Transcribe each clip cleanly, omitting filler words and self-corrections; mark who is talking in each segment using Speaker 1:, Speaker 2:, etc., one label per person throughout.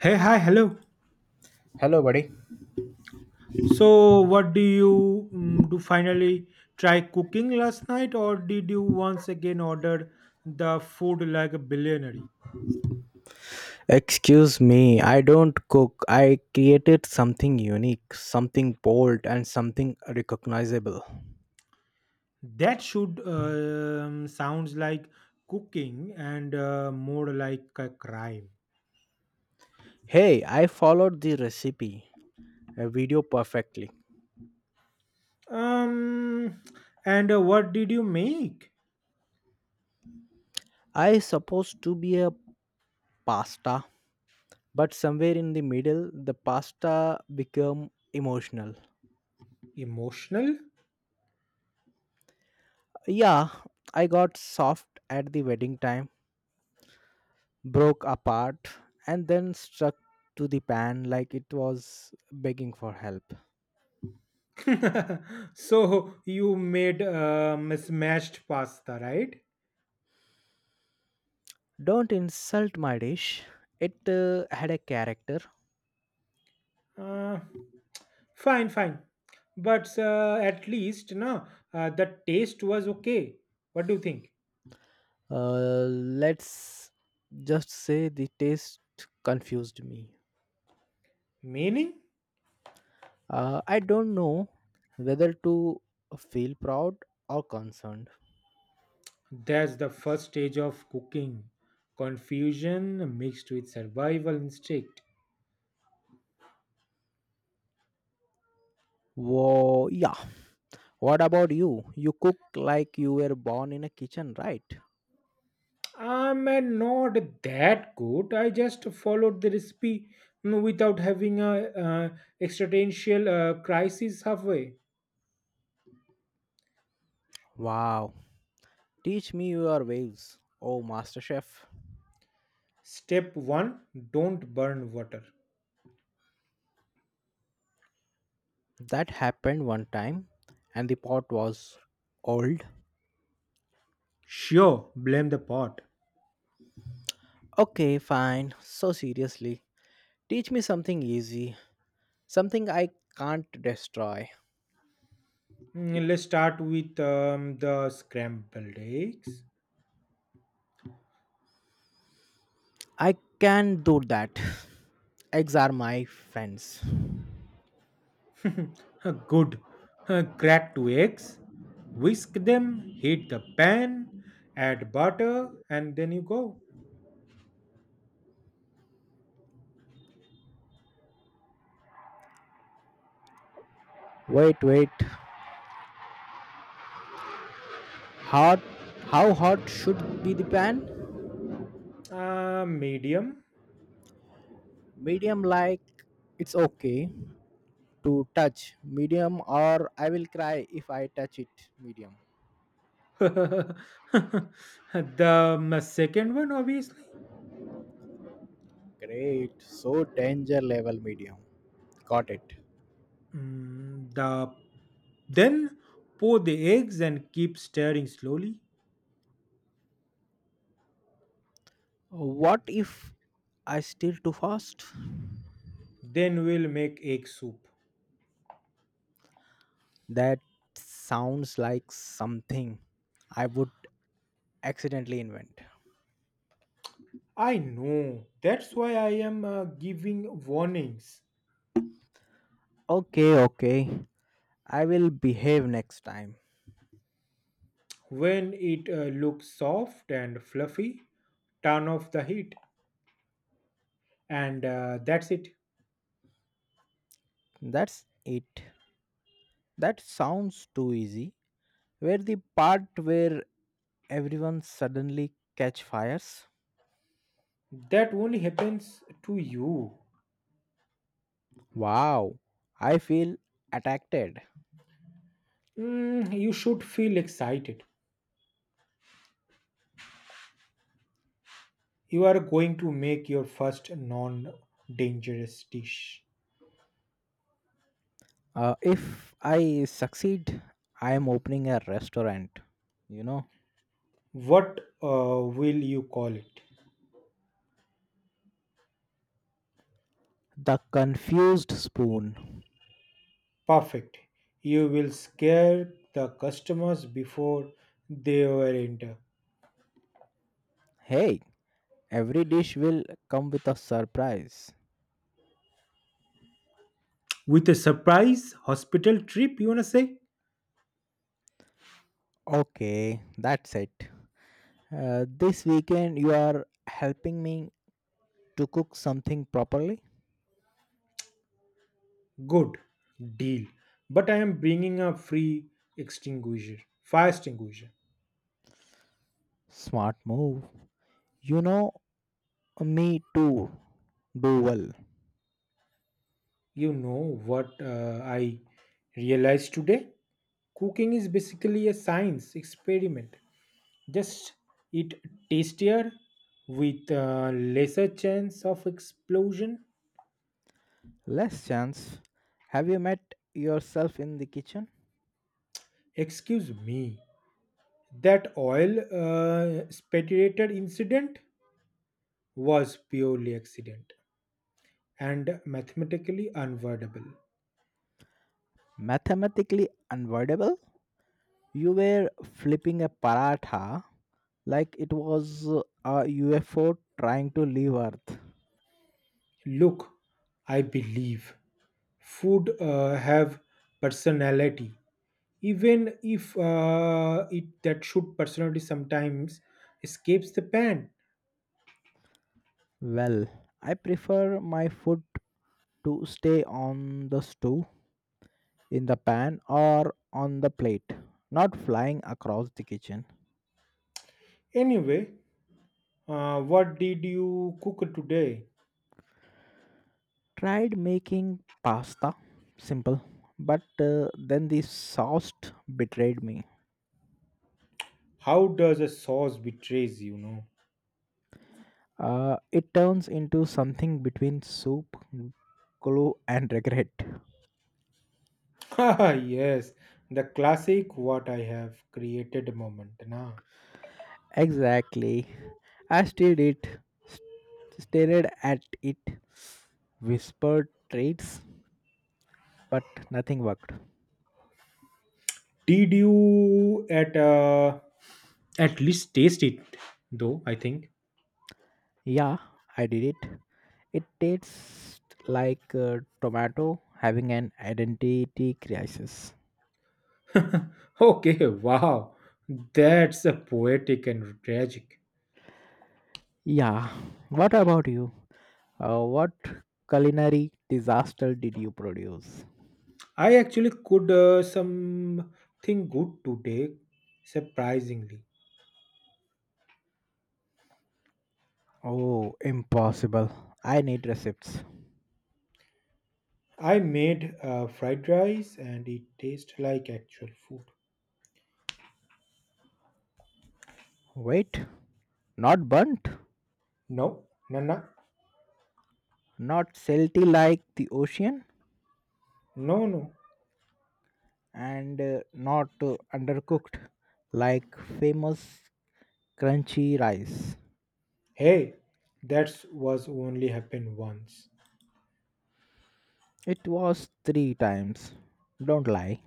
Speaker 1: Hey, hi, hello.
Speaker 2: Hello, buddy.
Speaker 1: So, what do you do finally try cooking last night, or did you once again order the food like a billionaire?
Speaker 2: Excuse me, I don't cook. I created something unique, something bold, and something recognizable.
Speaker 1: That should sounds like cooking and more like a crime.
Speaker 2: Hey, I followed the recipe a video perfectly.
Speaker 1: Um, and what did you make?
Speaker 2: I supposed to be a pasta, but somewhere in the middle, the pasta became emotional.
Speaker 1: Emotional?
Speaker 2: Yeah, I got soft at the wedding time, broke apart, and then struck to the pan like it was begging for help.
Speaker 1: So you made smashed pasta, right?
Speaker 2: Don't insult my dish. It had a character.
Speaker 1: Uh, fine, fine. But at least no, the taste was okay. What do you think?
Speaker 2: Uh, let's just say the taste confused me.
Speaker 1: Meaning?
Speaker 2: I don't know whether to feel proud or concerned.
Speaker 1: That's the first stage of cooking. Confusion mixed with survival instinct.
Speaker 2: Whoa, yeah. What about you? You cook like you were born in a kitchen, right?
Speaker 1: I'm not that good. I just followed the recipe without having a existential crisis halfway.
Speaker 2: Wow. Teach me your ways. Oh, master chef.
Speaker 1: Step one: don't burn water.
Speaker 2: That happened one time and the pot was old.
Speaker 1: Sure, blame the pot.
Speaker 2: Okay, fine. So seriously, teach me something easy, something I can't destroy.
Speaker 1: Let's start with the scrambled eggs.
Speaker 2: I can do that. Eggs are my friends.
Speaker 1: Good. Crack two eggs, whisk them, heat the pan, add butter, and then you go.
Speaker 2: Wait, wait. Hot? How hot should be the pan?
Speaker 1: Medium.
Speaker 2: Medium, like it's okay to touch. Medium, or I will cry if I touch it. Medium.
Speaker 1: The second one, obviously.
Speaker 2: Great. So danger level medium. Got it.
Speaker 1: Mm, the then pour the eggs and keep stirring slowly.
Speaker 2: What if I steal too fast?
Speaker 1: Then we'll make egg soup.
Speaker 2: That sounds like something I would accidentally invent.
Speaker 1: I know. That's why I am giving warnings.
Speaker 2: Okay, okay. I will behave next time.
Speaker 1: When it looks soft and fluffy, turn off the heat, and that's it.
Speaker 2: That's it. That sounds too easy. Where the part where everyone suddenly catch fires?
Speaker 1: That only happens to you.
Speaker 2: Wow, I feel attacked.
Speaker 1: You should feel excited. You are going to make your first non dangerous dish.
Speaker 2: If I succeed, I am opening a restaurant. You know,
Speaker 1: What will you call it?
Speaker 2: the confused spoon.
Speaker 1: Perfect. You will scare the customers before they were enter.
Speaker 2: Hey, every dish will come with a surprise.
Speaker 1: With a surprise hospital trip, you wanna say?
Speaker 2: Okay, that's it. This weekend, you are helping me to cook something properly.
Speaker 1: Good deal. But I am bringing a free extinguisher, fire extinguisher.
Speaker 2: Smart move. You know me too. Do well.
Speaker 1: You know what I realized today? Cooking is basically a science experiment. Just eat tastier with lesser chance of explosion.
Speaker 2: Less chance. Have you met yourself in the kitchen?
Speaker 1: Excuse me, that oil spatulated incident was purely accident and mathematically unavoidable.
Speaker 2: Mathematically unavoidable? You were flipping a paratha like it was a UFO trying to leave Earth.
Speaker 1: Look, I believe food have personality, even if it that should personality sometimes escapes the pan.
Speaker 2: Well, I prefer my food to stay on the stove, in the pan or on the plate, not flying across the kitchen.
Speaker 1: Anyway, what did you cook today?
Speaker 2: Tried making pasta, simple, but then the sauce betrayed me.
Speaker 1: How does a sauce betrays?
Speaker 2: It turns into something between soup, glue, and regret.
Speaker 1: Ah, yes, the classic what I have created moment. Nah.
Speaker 2: Exactly. I stared it, st- stared at it, whispered traits, but nothing worked.
Speaker 1: Did you at least taste it though? I think.
Speaker 2: Yeah, I did it. It tastes like a tomato having an identity crisis.
Speaker 1: Okay, wow. That's a poetic and tragic.
Speaker 2: Yeah, what about you? What culinary disaster did you produce?
Speaker 1: I actually could something good today, surprisingly.
Speaker 2: Oh, impossible. I need receipts.
Speaker 1: I made fried rice and it tastes like actual food.
Speaker 2: Wait, not burnt,
Speaker 1: No, no, no,
Speaker 2: not salty like the ocean,
Speaker 1: no, no.
Speaker 2: and not undercooked like famous crunchy rice.
Speaker 1: Hey, that was only happened once.
Speaker 2: It was three times. Don't lie.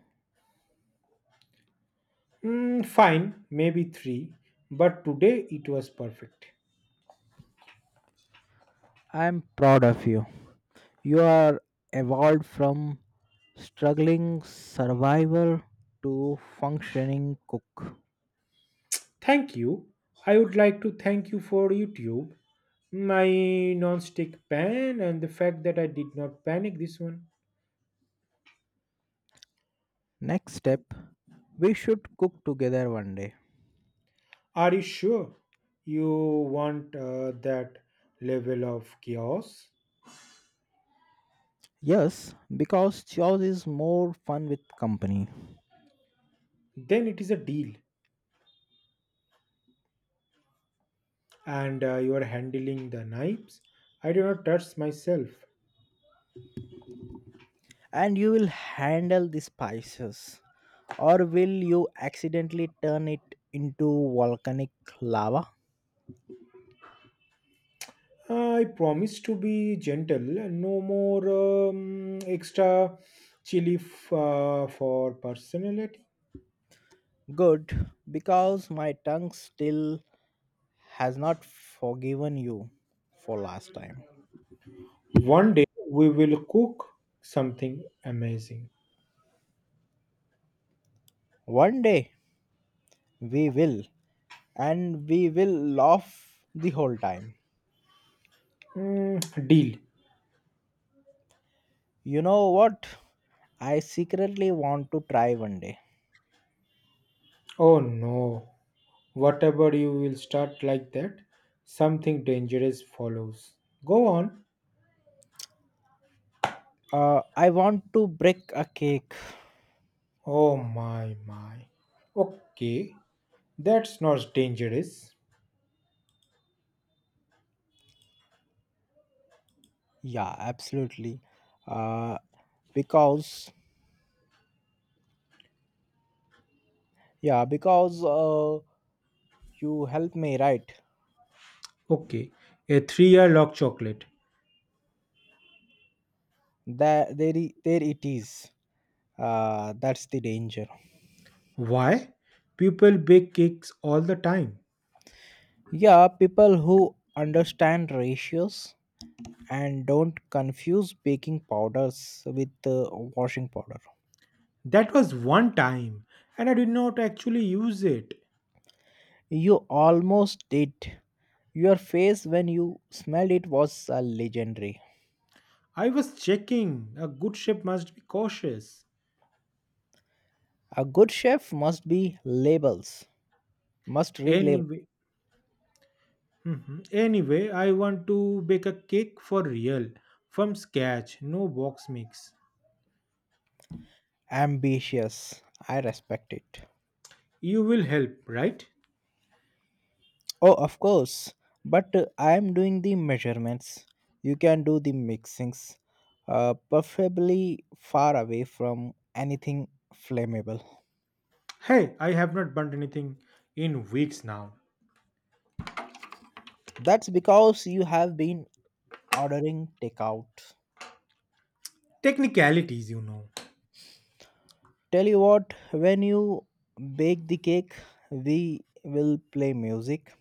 Speaker 1: Fine, maybe three, but today it was perfect.
Speaker 2: I'm proud of you. You are evolved from struggling survivor to functioning cook.
Speaker 1: Thank you. I would like to thank you for YouTube, my non-stick pan, and the fact that I did not panic this one.
Speaker 2: Next step, we should cook together one day.
Speaker 1: Are you sure you want that level of chaos?
Speaker 2: Yes, because chores is more fun with company.
Speaker 1: Then it is a deal, and you are handling the knives. I do not touch myself.
Speaker 2: And you will handle the spices. Or will you accidentally turn it into volcanic lava?
Speaker 1: I promise to be gentle. No more extra chili for personality.
Speaker 2: Good, because my tongue still has not forgiven you for last time.
Speaker 1: One day we will cook something amazing.
Speaker 2: One day we will, and we will laugh the whole time.
Speaker 1: Deal.
Speaker 2: You know what? I secretly want to try one day.
Speaker 1: Oh no. Whatever you will start like that, something dangerous follows. Go on.
Speaker 2: I want to break a cake.
Speaker 1: Oh my my. Okay. That's not dangerous.
Speaker 2: Yeah, absolutely. Uh, because yeah, because you helped me, right?
Speaker 1: Okay. A 3 year log chocolate.
Speaker 2: There it is. That's the danger.
Speaker 1: Why? People bake cakes all the time.
Speaker 2: Yeah, people who understand ratios and don't confuse baking powders with washing powder.
Speaker 1: That was one time, and I did not actually use it.
Speaker 2: You almost did. Your face when you smelled it was legendary.
Speaker 1: I was checking. A good chef must be cautious.
Speaker 2: A good chef must read labels.
Speaker 1: Anyway. Mhm. Anyway, I want to bake a cake for real, from scratch, no box mix.
Speaker 2: Ambitious. I respect it.
Speaker 1: You will help, right?
Speaker 2: Oh, of course. But I am doing the measurements. You can do the mixings, preferably far away from anything flammable.
Speaker 1: Hey, I have not burnt anything in weeks now.
Speaker 2: That's because you have been ordering takeout.
Speaker 1: Technicalities.
Speaker 2: Tell you what, when you bake the cake, we will play music,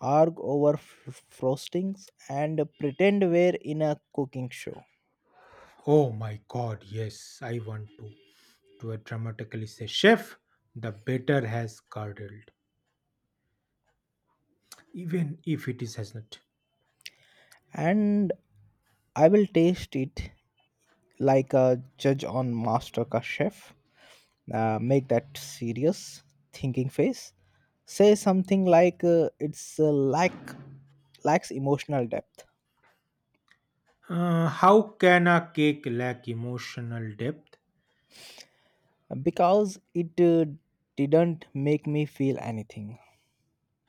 Speaker 2: argue over frostings, and pretend we're in a cooking show.
Speaker 1: Oh my god, yes, I want to. To a dramatically say, chef, the batter has curdled, even if it is has not.
Speaker 2: And I will taste it like a judge on MasterChef. Chef. Make that serious thinking face. Say something like it's lacks emotional depth
Speaker 1: How can a cake lack emotional depth?
Speaker 2: because it didn't make me feel anything.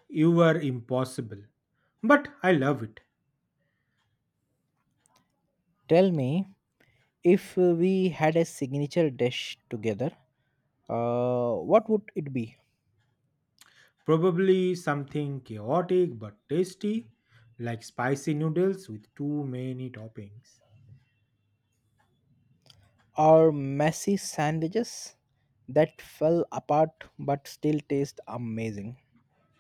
Speaker 1: You were impossible. But I love it.
Speaker 2: Tell me if we had a signature dish together, what would it be?
Speaker 1: Probably something chaotic but tasty, like spicy noodles with too many toppings.
Speaker 2: Our messy sandwiches that fell apart but still taste amazing.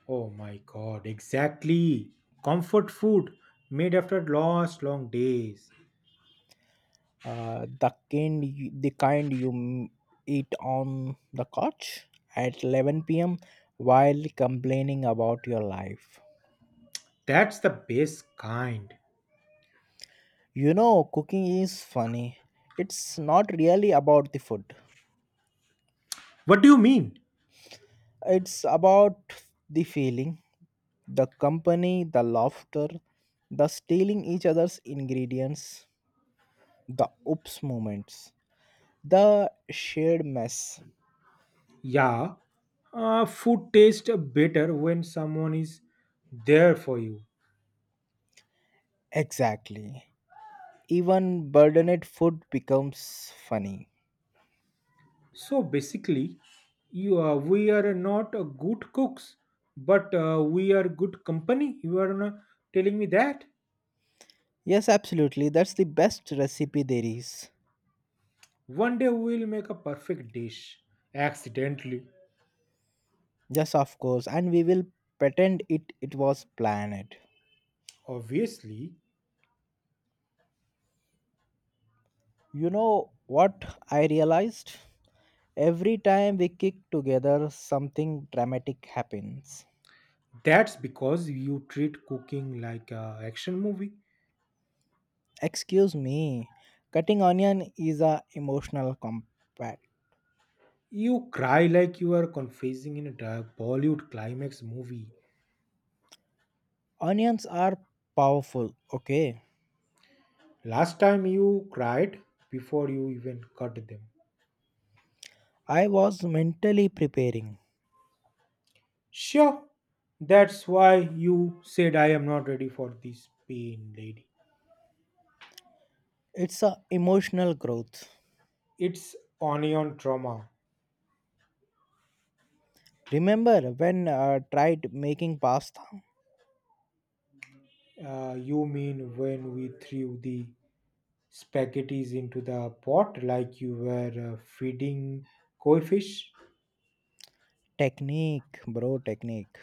Speaker 1: Oh my god, exactly. Comfort food made after lost long days.
Speaker 2: The kind you eat on the couch at 11 p.m. while complaining about your life.
Speaker 1: That's the best kind.
Speaker 2: Cooking is funny. It's not really about the food.
Speaker 1: What do you mean?
Speaker 2: It's about the feeling, the company, the laughter, the stealing each other's ingredients, the oops moments, the shared mess.
Speaker 1: Yeah, food tastes better when someone is there for you.
Speaker 2: Exactly. Even burdened food becomes funny.
Speaker 1: So basically, you are, we are not a good cooks, but we are good company. You are not telling me that.
Speaker 2: Yes, absolutely. That's the best recipe there is.
Speaker 1: One day we will make a perfect dish accidentally.
Speaker 2: Yes, of course. And we will pretend it was planned.
Speaker 1: Obviously,
Speaker 2: You know what I realized? Every time we kick together, something dramatic happens.
Speaker 1: that's because you treat cooking like a action movie.
Speaker 2: Excuse me, cutting onion is a emotional combat.
Speaker 1: You cry like you are confessing in a dark Bollywood climax movie.
Speaker 2: Onions are powerful, okay?
Speaker 1: Last time you cried before you even cut them.
Speaker 2: I was mentally preparing.
Speaker 1: Sure, that's why you said I am not ready for this pain, lady.
Speaker 2: It's a emotional growth.
Speaker 1: It's onion trauma.
Speaker 2: Remember when I tried making pasta?
Speaker 1: You mean when we threw the spaghettis into the pot like you were feeding koi fish?
Speaker 2: Technique, bro, technique.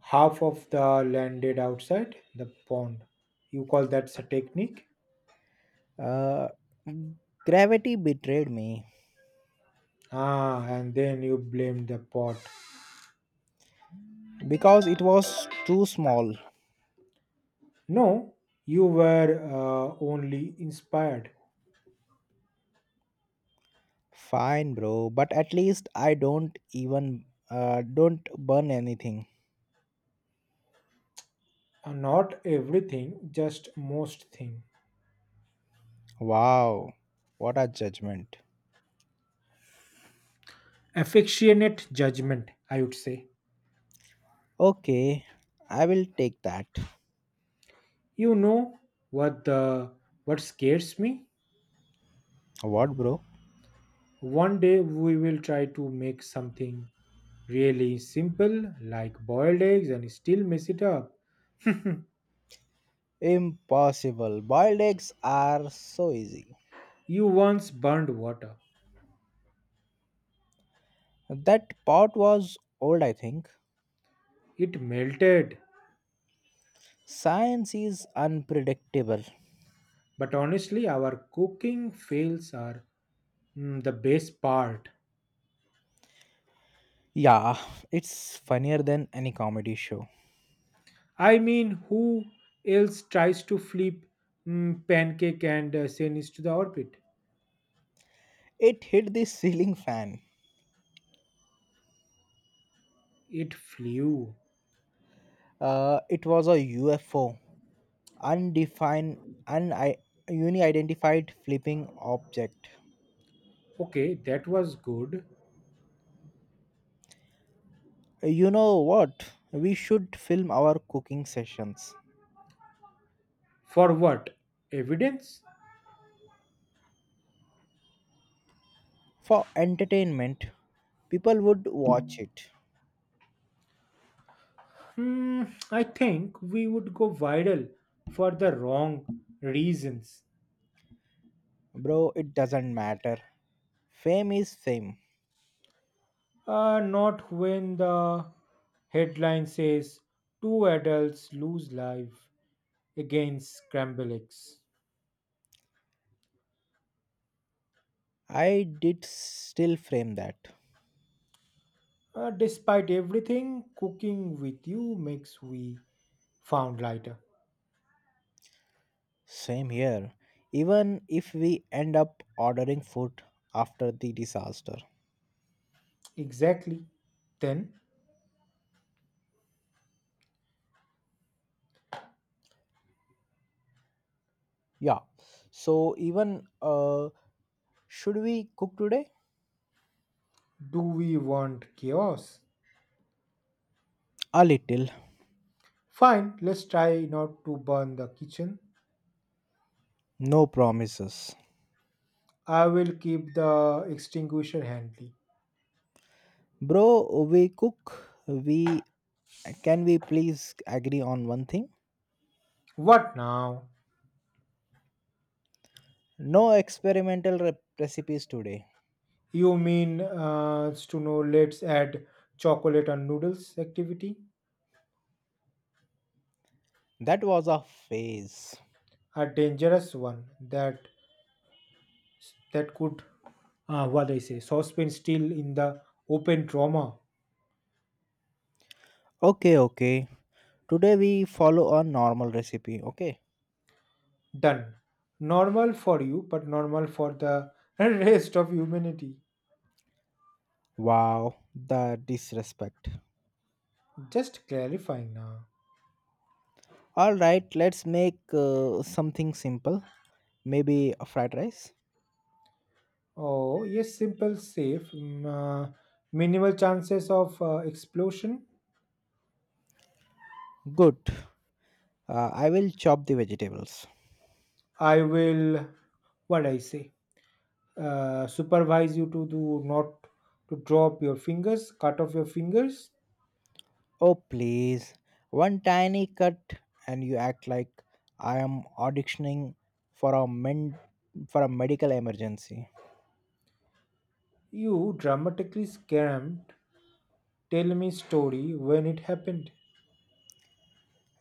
Speaker 1: Half of the landed outside the pond. You call that a technique?
Speaker 2: Uh, Gravity betrayed me
Speaker 1: Ah, and then you blamed the pot.
Speaker 2: because it was too small.
Speaker 1: No, you were only inspired.
Speaker 2: Fine, bro, but at least I don't burn anything.
Speaker 1: Not everything, just most thing.
Speaker 2: Wow, what a judgment.
Speaker 1: Affectionate judgment, I would say.
Speaker 2: Okay, I will take that.
Speaker 1: You know what the what scares me?
Speaker 2: What, bro?
Speaker 1: One day we will try to make something really simple like boiled eggs and still mess it up.
Speaker 2: Impossible. Boiled eggs are so easy.
Speaker 1: You once burned water.
Speaker 2: That pot was old, I think.
Speaker 1: It melted.
Speaker 2: Science is unpredictable.
Speaker 1: But honestly, our cooking fails are the best part.
Speaker 2: Yeah, it's funnier than any comedy show.
Speaker 1: I mean, who else tries to flip pancake and send it to the orbit?
Speaker 2: It hit the ceiling fan.
Speaker 1: It flew.
Speaker 2: It was a UFO, undefined, un- uni-identified flipping object.
Speaker 1: Okay, that was good.
Speaker 2: You know what? We should film our cooking sessions.
Speaker 1: For what? Evidence?
Speaker 2: For entertainment, people would watch it.
Speaker 1: Hmm, I think we would go viral for the wrong reasons.
Speaker 2: Bro, it doesn't matter. Fame is fame.
Speaker 1: Not when the headline says two adults lose life against scramble eggs.
Speaker 2: I did still frame that.
Speaker 1: Despite everything, cooking with you makes we found lighter.
Speaker 2: Same here. Even if we end up ordering food after the disaster.
Speaker 1: Exactly. Then,
Speaker 2: Yeah. So even should we cook today?
Speaker 1: do we want chaos?
Speaker 2: A little.
Speaker 1: Fine, let's try not to burn the kitchen.
Speaker 2: No promises.
Speaker 1: I will keep the extinguisher handy.
Speaker 2: Bro, we cook. We can we please agree on one thing?
Speaker 1: What now?
Speaker 2: No experimental recipes today.
Speaker 1: You mean to know let's add chocolate and noodles activity?
Speaker 2: That was a phase.
Speaker 1: A dangerous one that could what I say saucepan still in the open trauma.
Speaker 2: Okay, okay. Today we follow a normal recipe, okay?
Speaker 1: Done. Normal for you, but normal for the rest of humanity.
Speaker 2: Wow, the disrespect.
Speaker 1: Just clarifying now.
Speaker 2: All right, let's make something simple. Maybe a fried rice.
Speaker 1: Oh, yes, simple, safe, minimal chances of explosion.
Speaker 2: Good. I will chop the vegetables.
Speaker 1: I will, what I say, supervise you to do not to drop your fingers, cut off your fingers.
Speaker 2: Oh, please. One tiny cut, and you act like I am auditioning for a men- for a medical emergency.
Speaker 1: You dramatically scammed. Tell me story when it happened.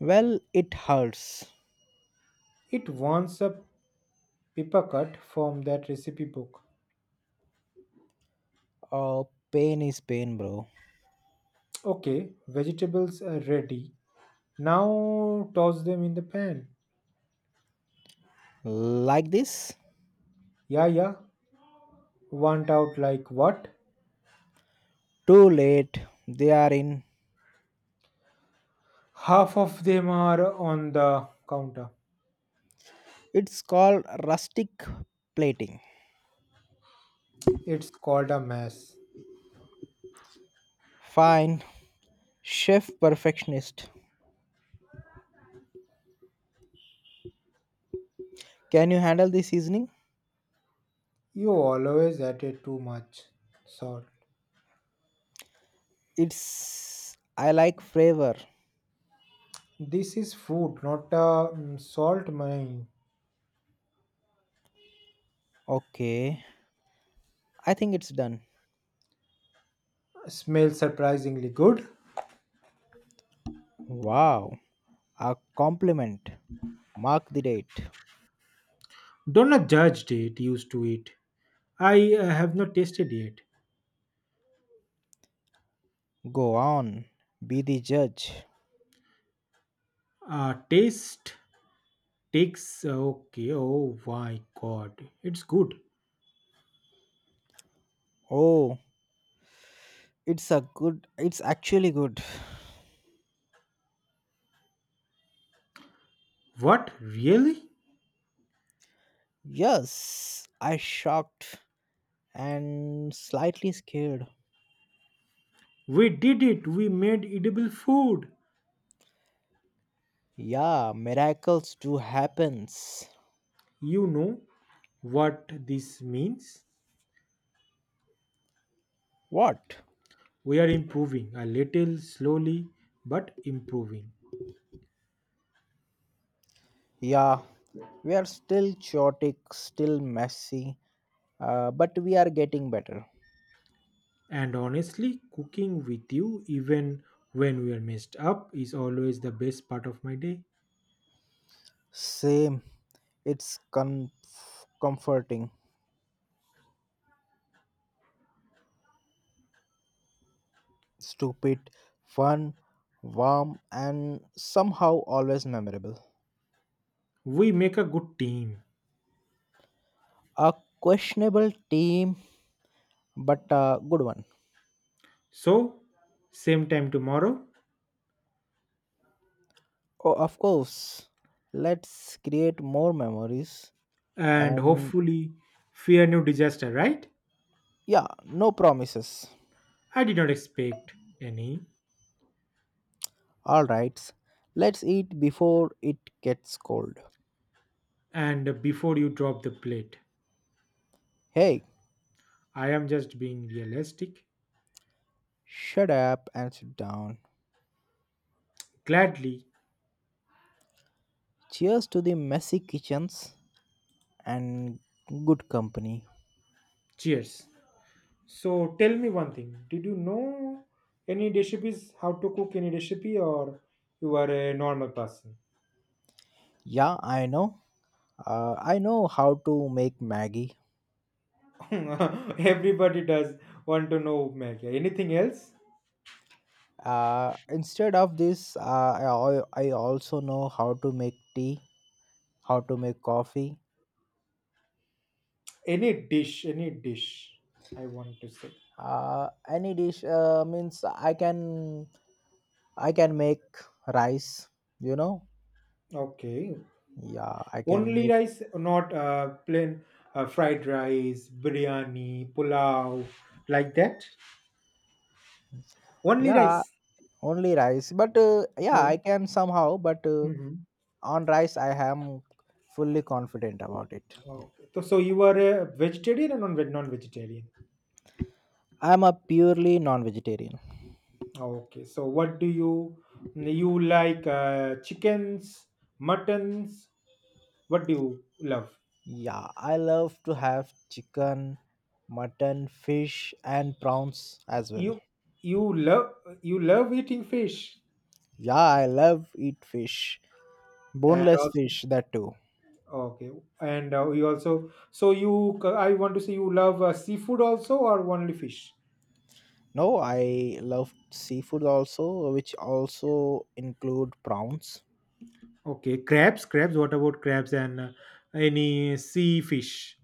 Speaker 2: Well, it hurts.
Speaker 1: It wants a paper cut from that recipe book.
Speaker 2: Oh, pain is pain, bro.
Speaker 1: Okay, vegetables are ready. Now toss them in the pan.
Speaker 2: Like this?
Speaker 1: Yeah, yeah. Want out like what?
Speaker 2: Too late. They are in.
Speaker 1: Half of them are on the counter.
Speaker 2: It's called rustic plating.
Speaker 1: It's called a mess.
Speaker 2: Fine. Chef perfectionist. Can you handle the seasoning?
Speaker 1: You always added too much salt.
Speaker 2: It's I like flavor.
Speaker 1: This is food, not a salt mine.
Speaker 2: Okay, I think it's done.
Speaker 1: Smells surprisingly good.
Speaker 2: Wow, a compliment. Mark the date.
Speaker 1: Don't judge it, used to it. I have not tasted yet.
Speaker 2: Go on, be the judge.
Speaker 1: Taste takes. Okay, oh my god. It's good.
Speaker 2: Oh, it's actually good.
Speaker 1: What? Really?
Speaker 2: Yes, I shocked and slightly scared.
Speaker 1: We did it. We made edible food.
Speaker 2: Yeah, miracles do happens.
Speaker 1: You know what this means?
Speaker 2: What?
Speaker 1: We are improving a little slowly, but improving.
Speaker 2: Yeah, we are still chaotic, still messy, but we are getting better.
Speaker 1: And honestly, cooking with you, even when we are messed up, is always the best part of my day.
Speaker 2: Same. It's comforting, stupid, fun, warm, and somehow always memorable.
Speaker 1: We make a good team.
Speaker 2: A questionable team, but a good one.
Speaker 1: So, same time tomorrow,
Speaker 2: Oh, of course. Let's create more memories.
Speaker 1: and
Speaker 2: And
Speaker 1: hopefully, fear no disaster, right?
Speaker 2: yeah, no promises.
Speaker 1: I did not expect any.
Speaker 2: Alright, let's eat before it gets cold.
Speaker 1: And before you drop the plate,
Speaker 2: Hey,
Speaker 1: I am just being realistic.
Speaker 2: shut up and sit down.
Speaker 1: Gladly,
Speaker 2: Cheers to the messy kitchens and good company.
Speaker 1: cheers. So tell me one thing. Did you know any recipes, how to cook any recipe, or you are a normal person?
Speaker 2: Yeah, I know. I know how to make Maggie.
Speaker 1: Everybody does want to know Maggie. Anything else?
Speaker 2: Instead of this, I also know how to make tea, how to make coffee.
Speaker 1: Any dish, I want to say.
Speaker 2: Any dish means I can make rice. You know,
Speaker 1: Okay.
Speaker 2: yeah, I can
Speaker 1: Only
Speaker 2: make
Speaker 1: rice, not plain fried rice, biryani, pulao, like that. Only
Speaker 2: yeah
Speaker 1: rice.
Speaker 2: only rice. But yeah, I
Speaker 1: Okay.
Speaker 2: can somehow. But
Speaker 1: Mm-hmm.
Speaker 2: on rice, I am fully confident about it.
Speaker 1: Okay. So you are a vegetarian or non-vegetarian?
Speaker 2: I am a purely non-vegetarian.
Speaker 1: Okay, so what do you like? Chickens, muttons. What do you love?
Speaker 2: Yeah, I love to have chicken, mutton, fish, and prawns as well.
Speaker 1: You you love you love eating fish,
Speaker 2: Yeah, I love eat fish,
Speaker 1: and
Speaker 2: boneless
Speaker 1: also
Speaker 2: fish that too.
Speaker 1: okay, and you also so you I want to say you love seafood also or only fish?
Speaker 2: No, I love seafood also, which also include prawns,
Speaker 1: Okay, crabs. What about crabs and any sea fish?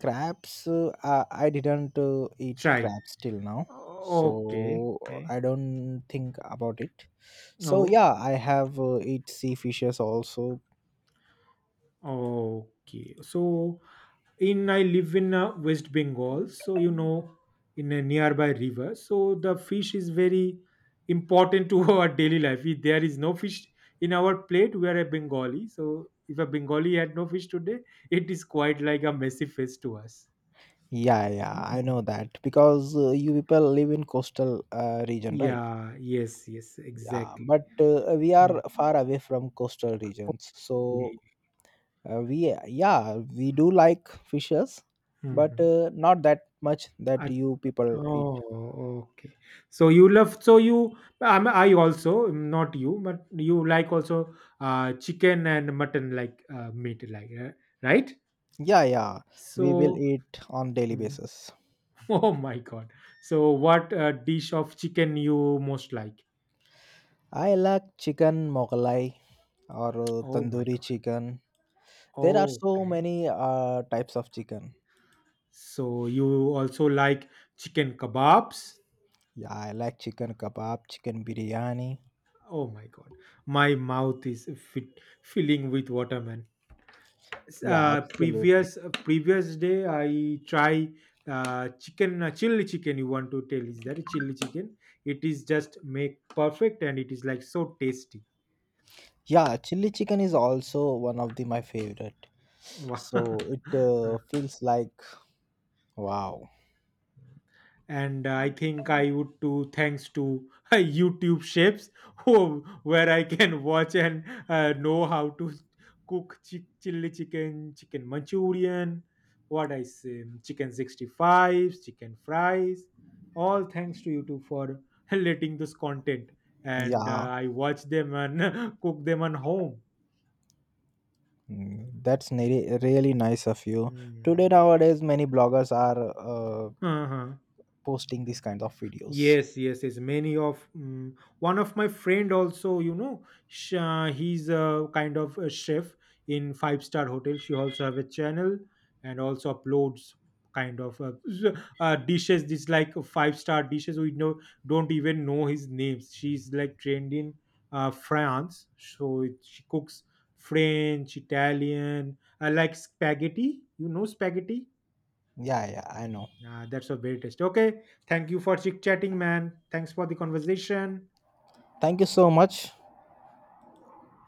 Speaker 2: crabs. I didn't eat
Speaker 1: Try.
Speaker 2: crabs till now, so
Speaker 1: Okay, okay.
Speaker 2: I don't think about it. So
Speaker 1: Oh,
Speaker 2: yeah, I have eat sea fishes also.
Speaker 1: okay. So in I live in West Bengal, so in a nearby river, so the fish is very important to our daily life. If there is no fish in our plate, we are a Bengali, so if a Bengali had no fish today, it is quite like a messy face to us.
Speaker 2: Yeah, yeah, I know
Speaker 1: Mm.
Speaker 2: that because you people live in coastal region, right?
Speaker 1: Yeah, yes, yes,
Speaker 2: Yeah,
Speaker 1: exactly.
Speaker 2: but we are
Speaker 1: Mm.
Speaker 2: far away from coastal regions, so we do like fishes, but
Speaker 1: Mhm.
Speaker 2: not that much that you people eat.
Speaker 1: Oh, okay. So you love, so you, I'm, I also, not you, but you like also chicken and mutton like meat, like, right?
Speaker 2: Yeah, yeah, we will
Speaker 1: So,
Speaker 2: eat on daily
Speaker 1: mm,
Speaker 2: basis.
Speaker 1: oh my God. So what dish of chicken you most like?
Speaker 2: I like chicken mogalai or
Speaker 1: Oh my
Speaker 2: tandoori chicken. There are
Speaker 1: God.
Speaker 2: so
Speaker 1: Okay.
Speaker 2: many types of chicken.
Speaker 1: So you also like chicken kebabs?
Speaker 2: Yeah, I like chicken kebab, chicken biryani.
Speaker 1: Oh my God. My mouth is fit, filling with water, man.
Speaker 2: Yeah,
Speaker 1: uh,
Speaker 2: absolutely.
Speaker 1: previous uh, previous day I try chicken chili chicken. You want to tell is that a chili chicken? It is just make perfect and it is like so tasty.
Speaker 2: Yeah, chili chicken is also one of the my favorite.
Speaker 1: Wow.
Speaker 2: So it feels like wow.
Speaker 1: And I think I would too, thanks to YouTube chefs, who, where I can watch and know how to cook chili chicken, chicken manchurian, what I say, chicken 65s, chicken fries. All thanks to YouTube for letting this content, and
Speaker 2: Yeah,
Speaker 1: I watch them and cook them on home.
Speaker 2: that's really nice of you. Today
Speaker 1: Hmm.
Speaker 2: nowadays many bloggers are uh,
Speaker 1: Uh-huh.
Speaker 2: posting these kinds of videos.
Speaker 1: Yes, yes, yes. Many of mm one of my friend also, he's a kind of a chef in five-star hotel. She also have a channel and also uploads kind of dishes. This like five-star dishes. We know don't even know his names. She's like trained in France, so it, she cooks French, Italian, like spaghetti. You know spaghetti.
Speaker 2: Yeah, yeah, I know.
Speaker 1: Ah, that's a very taste. Okay. Thank you for chit chatting, man. Thanks for the conversation.
Speaker 2: Thank you so much.